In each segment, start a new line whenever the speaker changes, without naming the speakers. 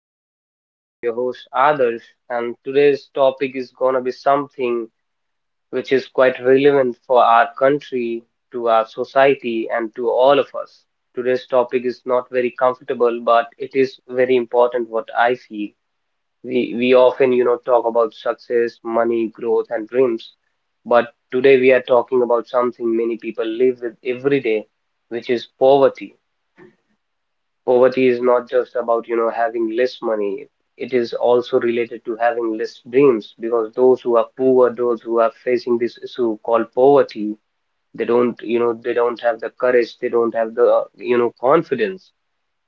Podcast. I'm your host Adarsh, and today's topic is gonna be something which is quite relevant for our country, to our society, and to all of us. Today's topic is not very comfortable, but it is very important what I feel. We often, talk about success, money, growth, and dreams, but today we are talking about something many people live with every day, which is poverty. Poverty is not just about, having less money. It is also related to having less dreams because those who are poor, those who are facing this issue called poverty, they don't have the courage, they don't have the, confidence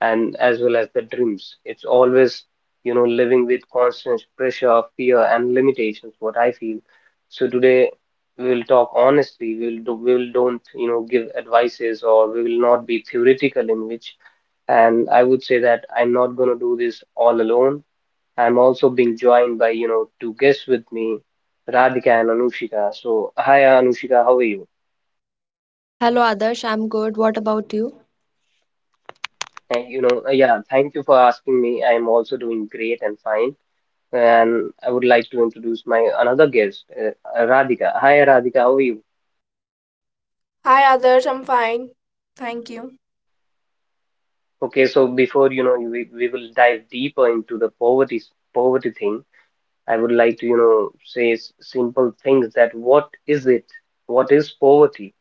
and as well as the dreams. It's always, living with constant pressure, fear, and limitations, what I feel. So today, we will talk honestly, we will do, we will don't give advices, or we will not be theoretical in which, and I would say that I'm not going to do this all alone. I'm also being joined by, two guests with me, Radhika and Anushika. So, hi Anushika, how are you?
Hello Adarsh, I'm good. What about you?
And, yeah, thank you for asking me. I'm also doing great and fine. And I would like to introduce my another guest, Radhika. Hi Radhika, how are you?
Hi, Adarsh. I'm fine. Thank you.
Okay, so before, we will dive deeper into the poverty thing. I would like to, say simple things that what is it? What is poverty?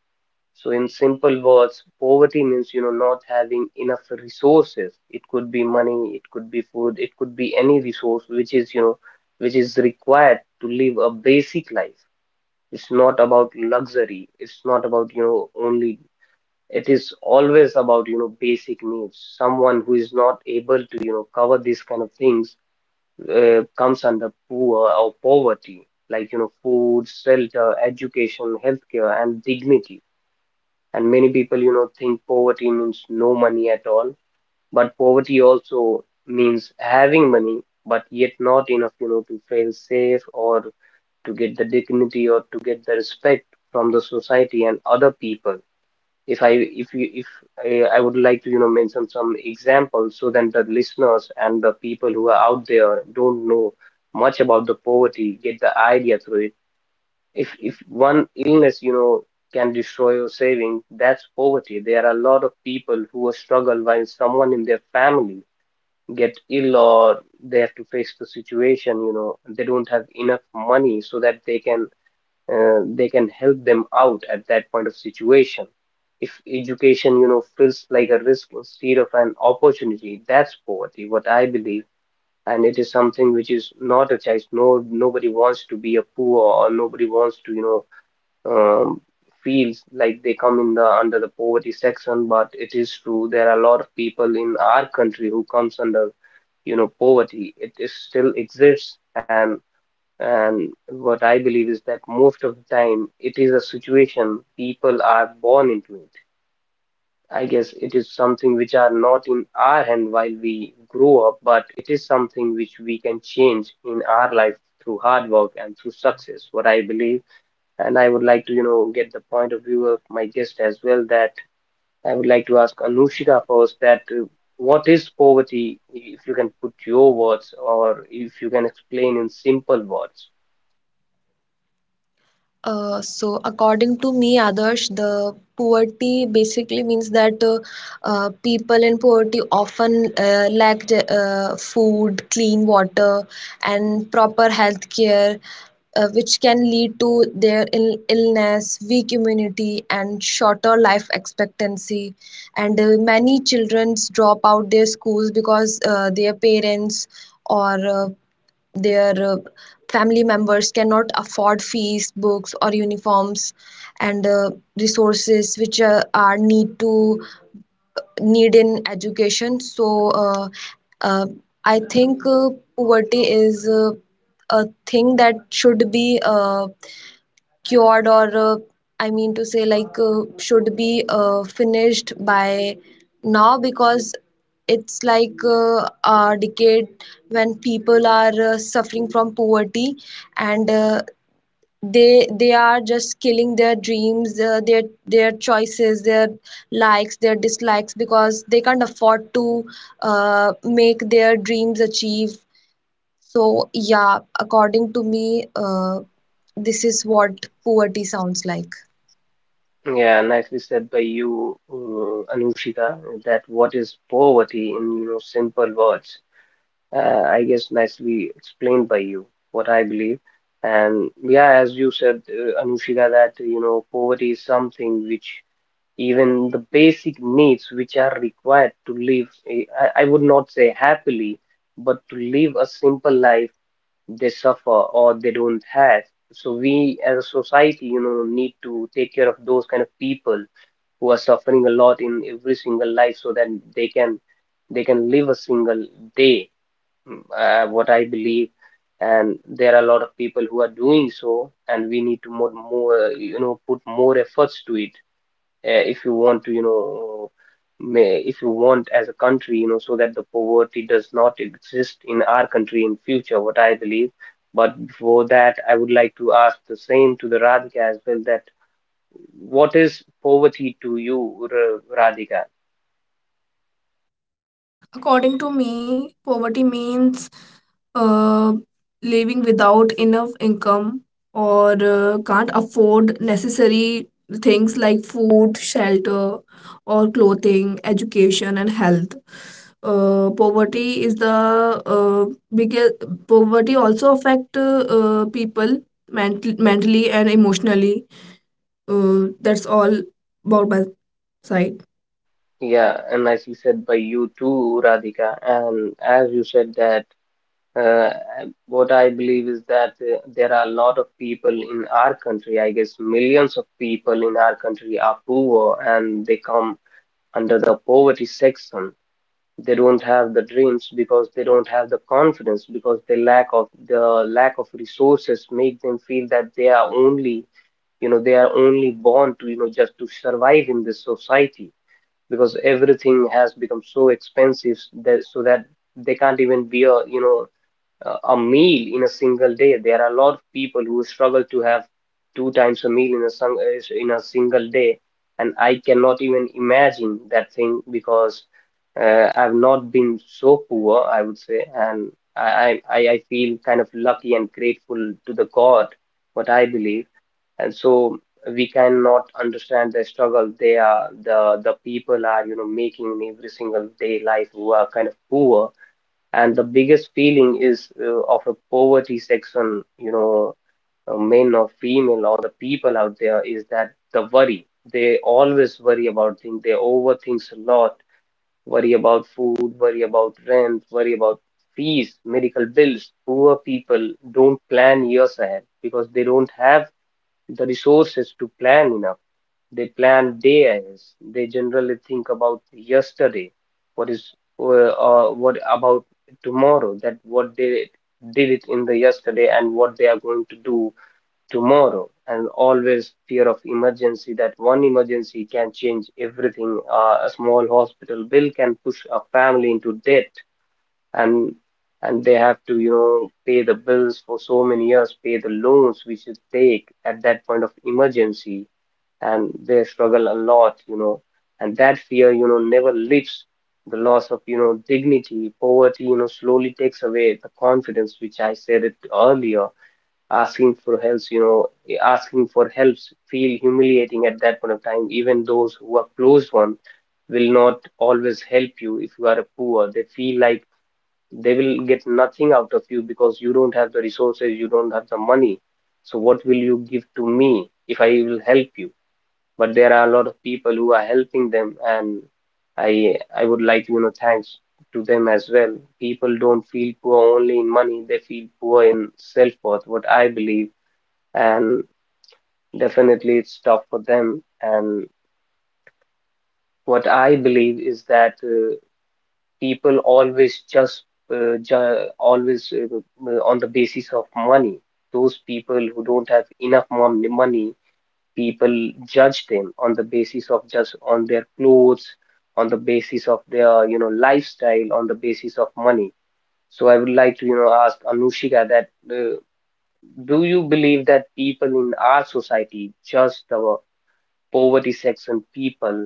So, in simple words, poverty means not having enough resources. It could be money, it could be food, it could be any resource which is which is required to live a basic life. It's not about luxury. It's not about only. It is always about basic needs. Someone who is not able to cover these kind of things comes under poor or poverty, like food, shelter, education, healthcare, and dignity. And many people think poverty means no money at all, but poverty also means having money but yet not enough to feel safe, or to get the dignity, or to get the respect from the society and other people. If i if you if I would like to mention some examples so that the listeners and the people who are out there don't know much about the poverty get the idea through it. If one illness can destroy your saving, that's poverty. There are a lot of people who will struggle while someone in their family get ill, or they have to face the situation, you know, they don't have enough money so that they can help them out at that point of situation. If education feels like a risk instead of an opportunity, that's poverty, what I believe. And it is something which is not a choice. No, nobody wants to be a poor, or nobody wants to um, feels like they come in the under the poverty section, but it is true there are a lot of people in our country who comes under poverty. It is still exists, and what I believe is that most of the time it is a situation people are born into it. I guess it is something which are not in our hand while we grow up, but it is something which we can change in our life through hard work and through success. What I believe, and I would like to, get the point of view of my guest as well, that I would like to ask Anushika first that what is poverty, if you can put your words or if you can explain in simple words.
So according to me, Adarsh, the poverty basically means that people in poverty often lack food, clean water, and proper health care, which can lead to their illness, weak immunity, and shorter life expectancy. And many children drop out their schools because their parents or their family members cannot afford fees, books or uniforms, and resources which are need in education. So uh, I think poverty is a thing that should be cured, or I mean to say, like, should be finished by now, because it's like a decade when people are suffering from poverty, and they are just killing their dreams, their choices, their likes, their dislikes, because they can't afford to make their dreams achieve. So yeah, according to me, uh, this is what poverty sounds like.
Yeah, nicely said by you, Anushika, that what is poverty in, simple words. I guess nicely explained by you, what I believe. And yeah, as you said, Anushika, that you know, poverty is something which even the basic needs which are required to live, I would not say happily, but to live a simple life, they suffer or they don't have. So we as a society, need to take care of those kind of people who are suffering a lot in every single life so that they can, they can live a single day, what I believe. And there are a lot of people who are doing so, and we need to more, more, put more efforts to it, if you want to, you know, may, if you want, as a country, you know, so that the poverty does not exist in our country in future, what I believe. But before that, I would like to ask the same to the Radhika as well, that what is poverty to you, Radhika?
According to me, poverty means uh, living without enough income or can't afford necessary things like food, shelter, or clothing, education, and health. Poverty is the uh, biggest. Poverty also affect people mentally and emotionally. That's all about my side.
Yeah, and as you said by you too, Radhika, and as you said that, Uh, what I believe is that there are a lot of people in our country, I guess millions of people in our country are poor and they come under the poverty section. They don't have the dreams because they don't have the confidence because the lack of resources make them feel that they are only, you know, they are only born to, you know, just to survive in this society because everything has become so expensive that, so that they can't even be a, you know, a meal in a single day. There are a lot of people who struggle to have two times a meal in a in a single day, and I cannot even imagine that thing because I've not been so poor, I would say, and I feel kind of lucky and grateful to the God, what I believe, and so we cannot understand the struggle they are, the people are, you know, making in every single day life who are kind of poor. And the biggest feeling is of a poverty section, you know, men or female or the people out there, is that the worry. They always worry about things, they overthink a lot, worry about food, worry about rent, worry about fees, medical bills. Poor people don't plan years ahead because they don't have the resources to plan enough. They plan day ahead. They generally think about yesterday, what is, what about tomorrow, that what they did it in the yesterday and what they are going to do tomorrow, and always fear of emergency that one emergency can change everything. A small hospital bill can push a family into debt, and and they have to, you know, pay the bills for so many years, pay the loans which is take at that point of emergency, and they struggle a lot, you know, and that fear, you know, never lifts. The loss of, you know, dignity, poverty, you know, slowly takes away the confidence, which I said it earlier. Asking for help, you know, asking for helps feel humiliating at that point of time. Even those who are close one will not always help you if you are a poor. They feel like they will get nothing out of you because you don't have the resources, you don't have the money. So what will you give to me if I will help you? But there are a lot of people who are helping them, and I would like to, you know, thanks to them as well. People don't feel poor only in money, they feel poor in self-worth, what I believe, and definitely it's tough for them. And what I believe is that people always just ju always on the basis of money. Those people who don't have enough money, people judge them on the basis of just on their clothes, on the basis of their, you know, lifestyle, on the basis of money. So I would like to, you know, ask Anushika that do you believe that people in our society judge the poverty section people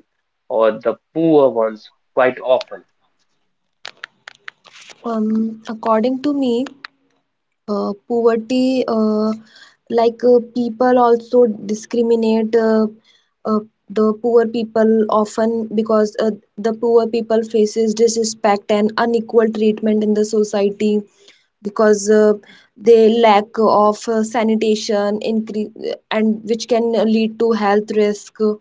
or the poor ones quite often?
According to me, poverty, like, people also discriminate uh, the poor people often, because the poor people faces disrespect and unequal treatment in the society, because they lack of sanitation increase, and which can lead to health risk,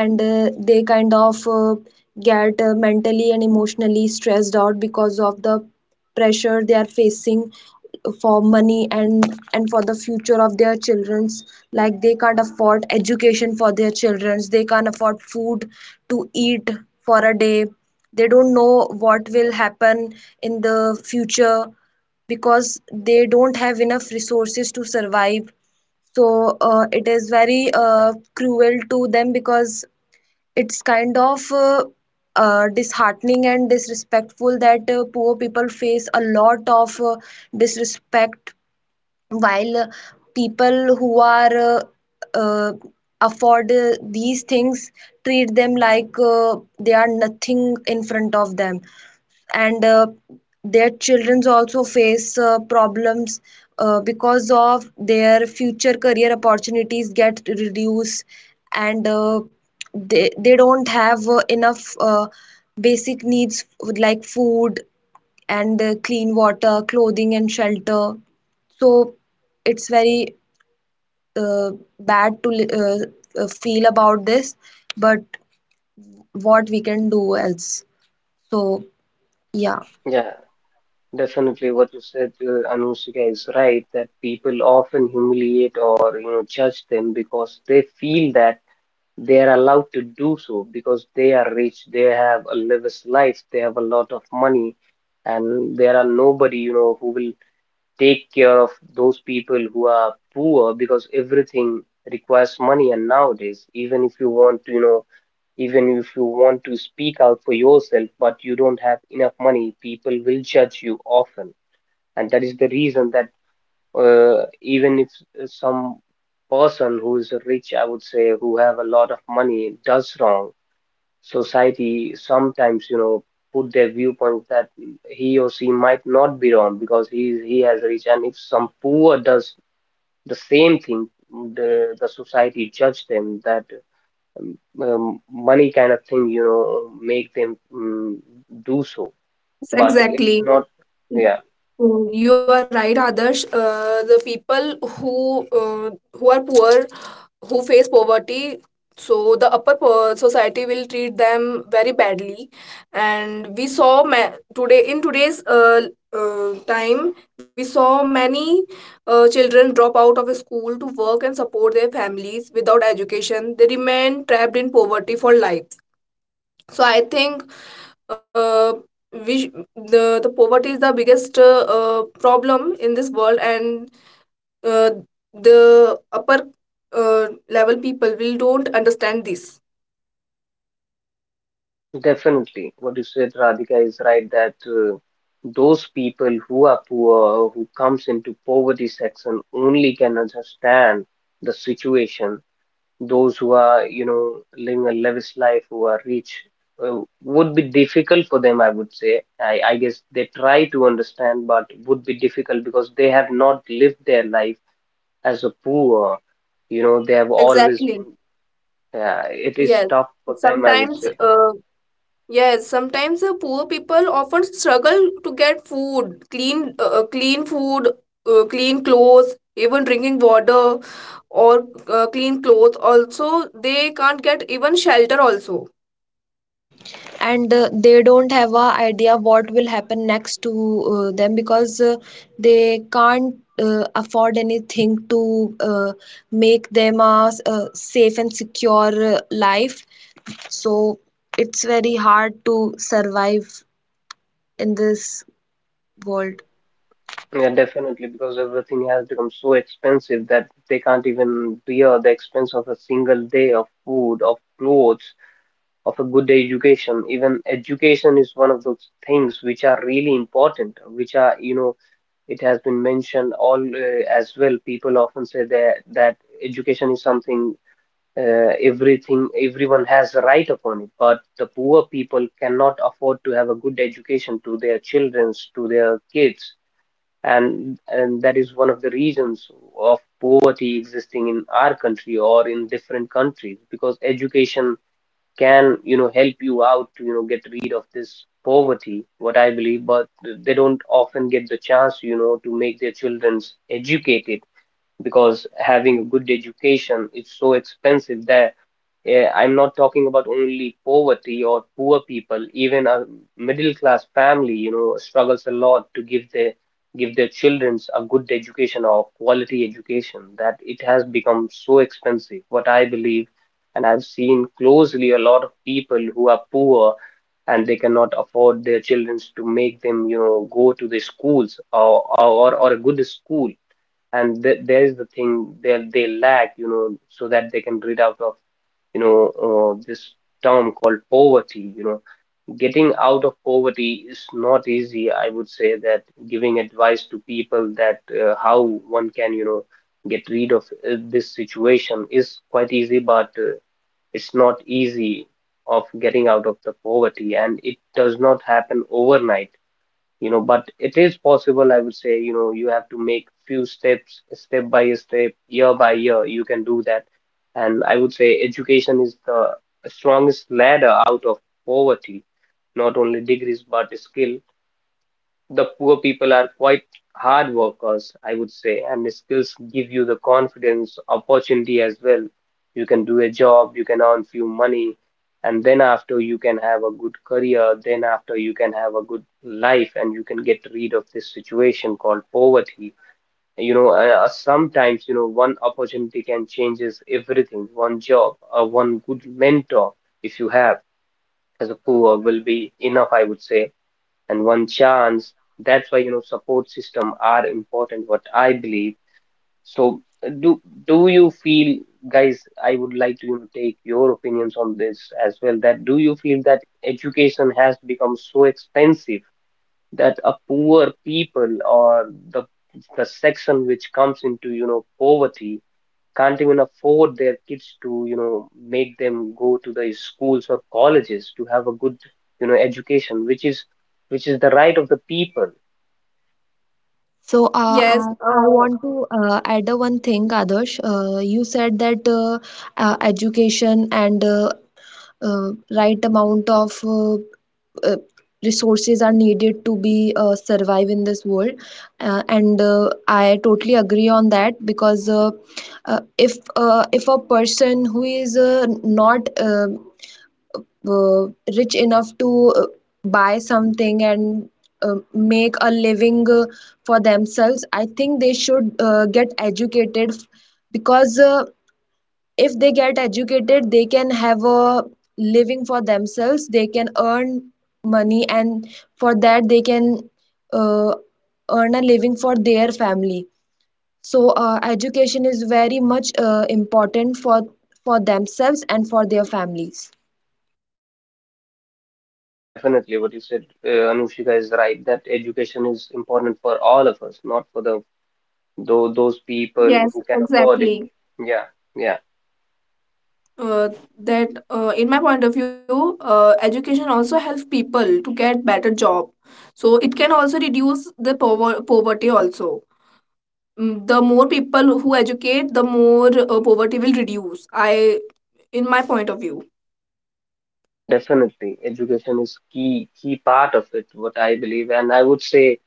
and they kind of get mentally and emotionally stressed out because of the pressure they are facing for money, and for the future of their children's. Like, they can't afford education for their children's, they can't afford food to eat for a day. They don't know what will happen in the future, because they don't have enough resources to survive. So it is very cruel to them, because it's kind of disheartening and disrespectful that poor people face a lot of disrespect, while people who are uh, afford these things treat them like they are nothing in front of them. And their children also face problems, because of their future career opportunities get reduced. And they don't have enough basic needs like food and clean water, clothing and shelter. So it's very uh, bad to feel about this, but what we can do else? So yeah.
Yeah, definitely what you said, Anushika, is right that people often humiliate or, you know, judge them because they feel that they are allowed to do so because they are rich, they have a lavish life, they have a lot of money, and there are nobody, you know, who will take care of those people who are poor because everything requires money. And nowadays, even if you want to, you know, even if you want to speak out for yourself but you don't have enough money, people will judge you often. And that is the reason that even if some person who is rich, I would say, who have a lot of money does wrong, society sometimes, you know, put their viewpoint that he or she might not be wrong because he has rich, and if some poor does the same thing, the society judge them that money kind of thing, you know, make them do so.
Yes,
But it's
exactly.
not, yeah.
Mm, you are right, Adarsh. The people who are poor, who face poverty, so the upper society will treat them very badly. And we saw today in today's time, we saw many children drop out of school to work and support their families without education. They remain trapped in poverty for life. So I think uh, we the poverty is the biggest problem in this world, and uh, the upper level people will don't understand this.
Definitely, what you said, Radhika, is right that those people who are poor, who comes into poverty section, only can understand the situation. Those who are, you know, living a lavish life, who are rich, would be difficult for them, I would say. I guess they try to understand, but would be difficult because they have not lived their life as a poor. You know, they have always
Exactly.
been. It is
Yes.
tough for them, I would
Sometimes,
say.
yes. Sometimes the poor people often struggle to get food, clean, clean food, clean clothes, even drinking water, or clean clothes. Also, they can't get even shelter. Also.
And they don't have a idea what will happen next to them, because they can't afford anything to make them a safe and secure life. So it's very hard to survive in this world.
Yeah, definitely, because everything has become so expensive that they can't even bear the expense of a single day of food, of clothes, of a good education. Even education is one of those things which are really important, which are, you know, it has been mentioned all as well. People often say that education is something everything everyone has a right upon it, but the poor people cannot afford to have a good education to their childrens, to their kids, and that is one of the reasons of poverty existing in our country or in different countries, because education can, you know, help you out to, you know, get rid of this poverty, what I believe. But they don't often get the chance, you know, to make their children's educated because having a good education is so expensive there. Eh, I'm not talking about only poverty or poor people, even a middle class family, you know, struggles a lot to give their children a good education or quality education, that it has become so expensive. What I believe, and I've seen closely a lot of people who are poor and they cannot afford their children to make them, you know, go to the schools or or a good school. And th there is the thing that they lack, you know, so that they can rid out of, you know, this term called poverty. You know, getting out of poverty is not easy. I would say that giving advice to people that how one can, you know, get rid of this situation is quite easy, but it's not easy of getting out of the poverty, and it does not happen overnight, you know. But it is possible, I would say. You know, you have to make few steps, step by step, year by year, you can do that. And I would say education is the strongest ladder out of poverty, not only degrees but skill. The poor people are quite hard workers, I would say, and skills give you the confidence, opportunity as well. You can do a job, you can earn few money, and then after you can have a good career, then after you can have a good life, and you can get rid of this situation called poverty. You know, sometimes, you know, one opportunity can changes everything. One job or one good mentor, if you have, as a poor, will be enough, I would say, and one chance. That's why, you know, support system are important, what I believe. So do do you feel, guys, I would like to, you know, take your opinions on this as well, that do you feel that education has become so expensive that a poor people or the section which comes into, you know, poverty can't even afford their kids to, you know, make them go to the schools or colleges to have a good, you know, education, which is the right of the people.
So uh, I,
Yes,
I
uh,
want to add a one thing, Adarsh. You said that education and uh, right amount of uh, resources are needed to be survive in this world, and I totally agree on that, because if a person who is not uh, rich enough to buy something and make a living for themselves, I think they should get educated, because if they get educated, they can have a living for themselves, they can earn money, and for that they can uh, earn a living for their family. So education is very much important for themselves and for their families.
Yeah, definitely. What you said, Anushika, is right that education is important for all of us, not for the those people
Yes,
who can afford it.
exactly.
Yeah, yeah,
Uh, that in my point of view, education also helps people to get better job. So it can also reduce the poverty also. Mm, the more people who educate, the more poverty will reduce. I, in my point of view.
yeah, definitely. Education is key part of it, what I believe, and I would say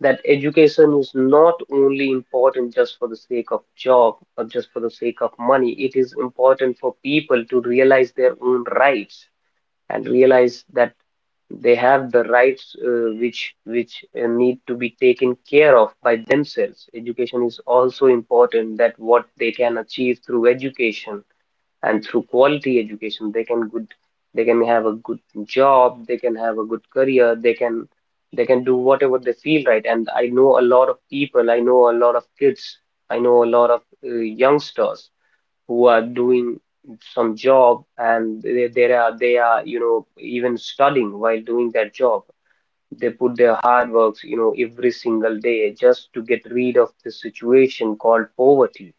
that education is not only important just for the sake of job or just for the sake of money. It is important for people to realize their own rights and realize that they have the rights which need to be taken care of by themselves. Education is also important, that what they can achieve through education, and through quality education they can good, they can have a good job, they can have a good career, they can do whatever they feel right. And I know a lot of people, I know a lot of kids, I know a lot of uh, youngsters who are doing some job, and they are you know even studying while doing that job. They put their hard works, you know, every single day just to get rid of the situation called poverty.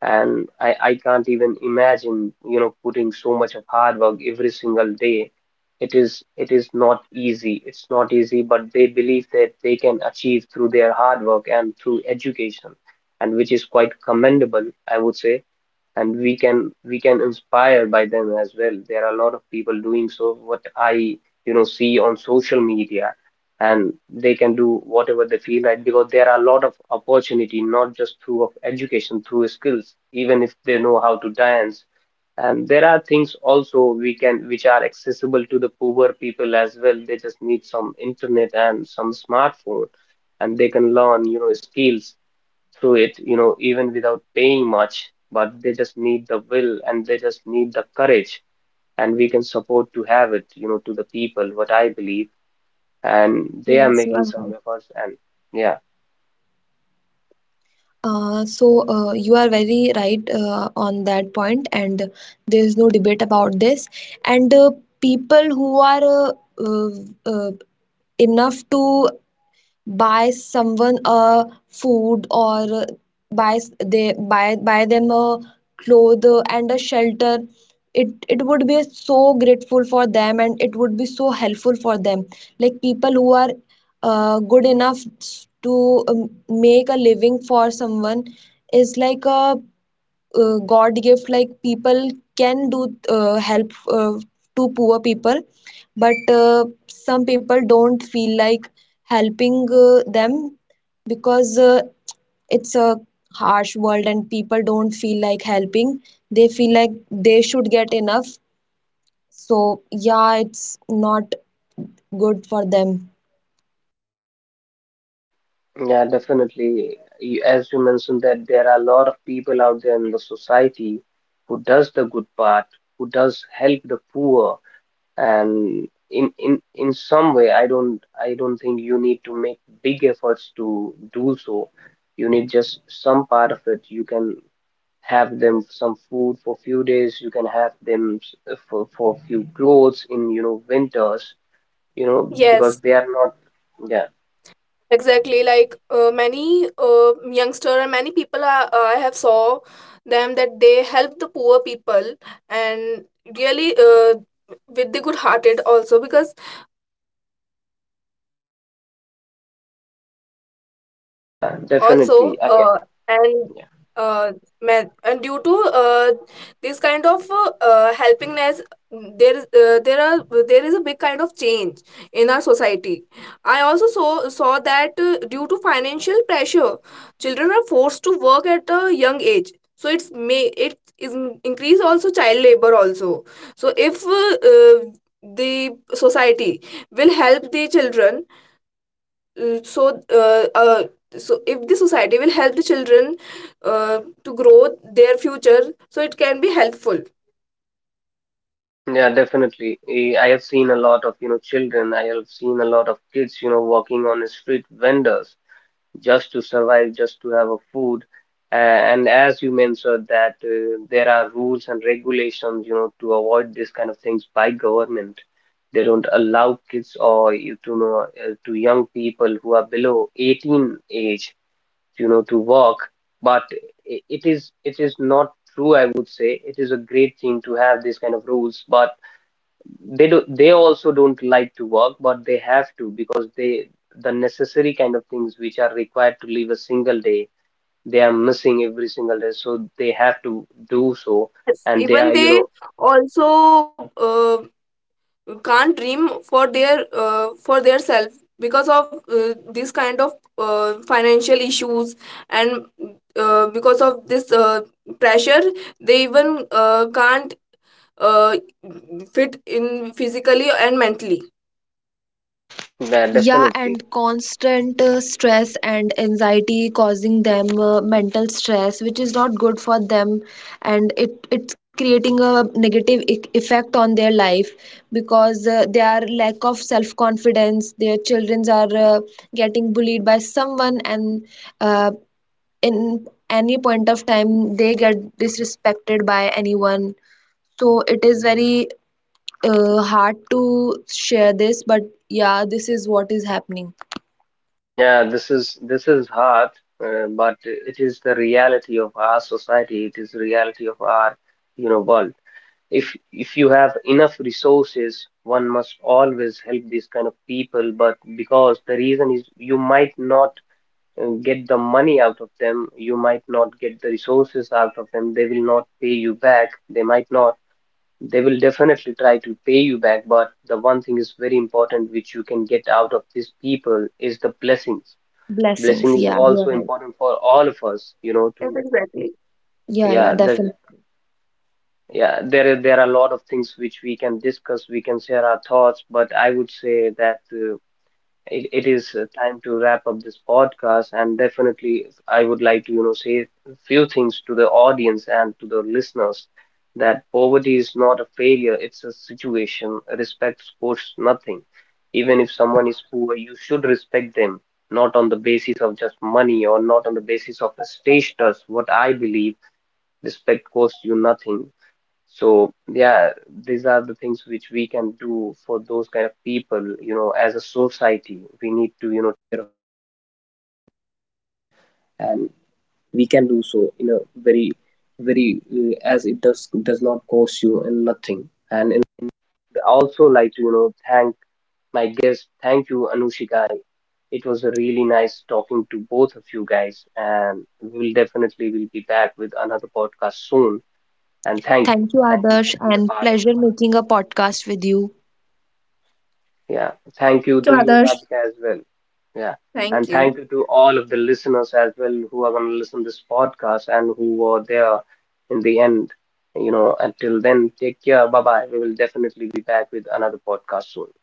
And I can't even imagine, you know, putting so much of hard work every single day. It is not easy. It's not easy, but they believe that they can achieve through their hard work and through education, and which is quite commendable, I would say, and we can inspire by them as well. There are a lot of people doing so, what I, you know, see on social media, and they can do whatever they feel like because there are a lot of opportunity, not just through of education, through skills, even if they know how to dance. And there are things also we can which are accessible to the poor people as well. They just need some internet and some smartphone, and they can learn, you know, skills through it, you know, even without paying much, but they just need the will and they just need the courage, and we can support to have it, you know, to the people, what I believe, and they are
Yes, you
making
are
some
right.
efforts, and yeah,
You are very right on that point, and there is no debate about this. And people who are uh, enough to buy someone a food, or buy s- they buy buy them a cloth and a shelter, it would be so grateful for them and it would be so helpful for them. Like, people who are good enough to make a living for someone is like a god gift. Like, people can do help to poor people, but some people don't feel like helping them, because it's a harsh world and people don't feel like helping. They feel like they should get enough. So yeah, it's not good for them.
yeah, definitely. You- As you mentioned that there are a lot of people out there in the society who does the good part, who does help the poor, and in some way I don't, I don't think you need to make big efforts to do so. You need just some part of it. You can have them some food for few days. You can have them for few clothes in, you know, winters. You know because
Yes,
they are not. Yeah,
exactly. Like many youngster and many people are, I have saw them that they help the poor people and really with the good hearted also because
yeah,
also
definitely. I yeah.
and uh, man, and due to this kind of helpingness there are there is a big kind of change in our society. I also saw that due to financial pressure children are forced to work at a young age, so it is increase also child labor also. So if the society will help the children, uh, so uh, uh, so if the society will help the children to grow their future, so it can be helpful.
Yeah, definitely. Eh, I have seen a lot of, you know, children. I have seen a lot of kids, you know, working on the street vendors, just to survive, just to have a food. And as you mentioned that there are rules and regulations, you know, to avoid this kind of things by government. They don't allow kids or you to know to young people who are below 18 age, you know, to walk. But it is, it is not true, I would say. It is a great thing to have these kind of rules, but they do, they also don't like to work, but they have to, because they the necessary kind of things which are required to live a single day, they are missing every single day, so they have to do so,
Yes,
and they
even
are, you
they
know,
also can't dream for their self because of this kind of financial issues, and because of this pressure they even can't uh, fit in physically and mentally.
yeah,
Yeah,
definitely.
and constant stress and anxiety causing them mental stress, which is not good for them, and it's creating a negative e effect on their life, because their lack of self-confidence, their children are getting bullied by someone, and uh, in any point of time they get disrespected by anyone. So it is very hard to share this, but yeah, this is what is happening.
Yeah, this is, this is hard, but it is the reality of our society, it is the reality of our, you know, world. If you have enough resources, one must always help these kind of people, but because the reason is you might not get the money out of them. You might not get the resources out of them. They will not pay you back. They might not. They will definitely try to pay you back. But the one thing is very important, which you can get out of these people, is the blessings. Blessing
Blessings.
is
Yeah,
also
you're right.
important for all of us,
Yes,
you know,
exactly.
to
Yeah,
yeah,
yeah,
there's
definitely.
yeah, there are a lot of things which we can discuss, we can share our thoughts, but I would say that it, it is time to wrap up this podcast, and definitely I would like to, you know, say a few things to the audience and to the listeners, that poverty is not a failure, it's a situation. Respect costs nothing. Even if someone is poor, you should respect them, not on the basis of just money or not on the basis of the status, what I believe. Respect costs you nothing. So yeah, these are the things which we can do for those kind of people, you know, as a society we my guest. Thank you, Anushika. It was a really nice talking to both of you guys, and we'll definitely will be back with another podcast soon. And
Thank you,
thank you
Adarsh,
for being a
and
part of
pleasure
it.
making a podcast with you.
Yeah, thank
Thank
you
you,
to you,
Adarsh.
Radhika, as well. Yeah,
Thank
and
you.
thank you to all of the listeners as well, who are going to listen this podcast and who were there in the end. You know, until then, take care. Bye bye. We will definitely be back with another podcast soon.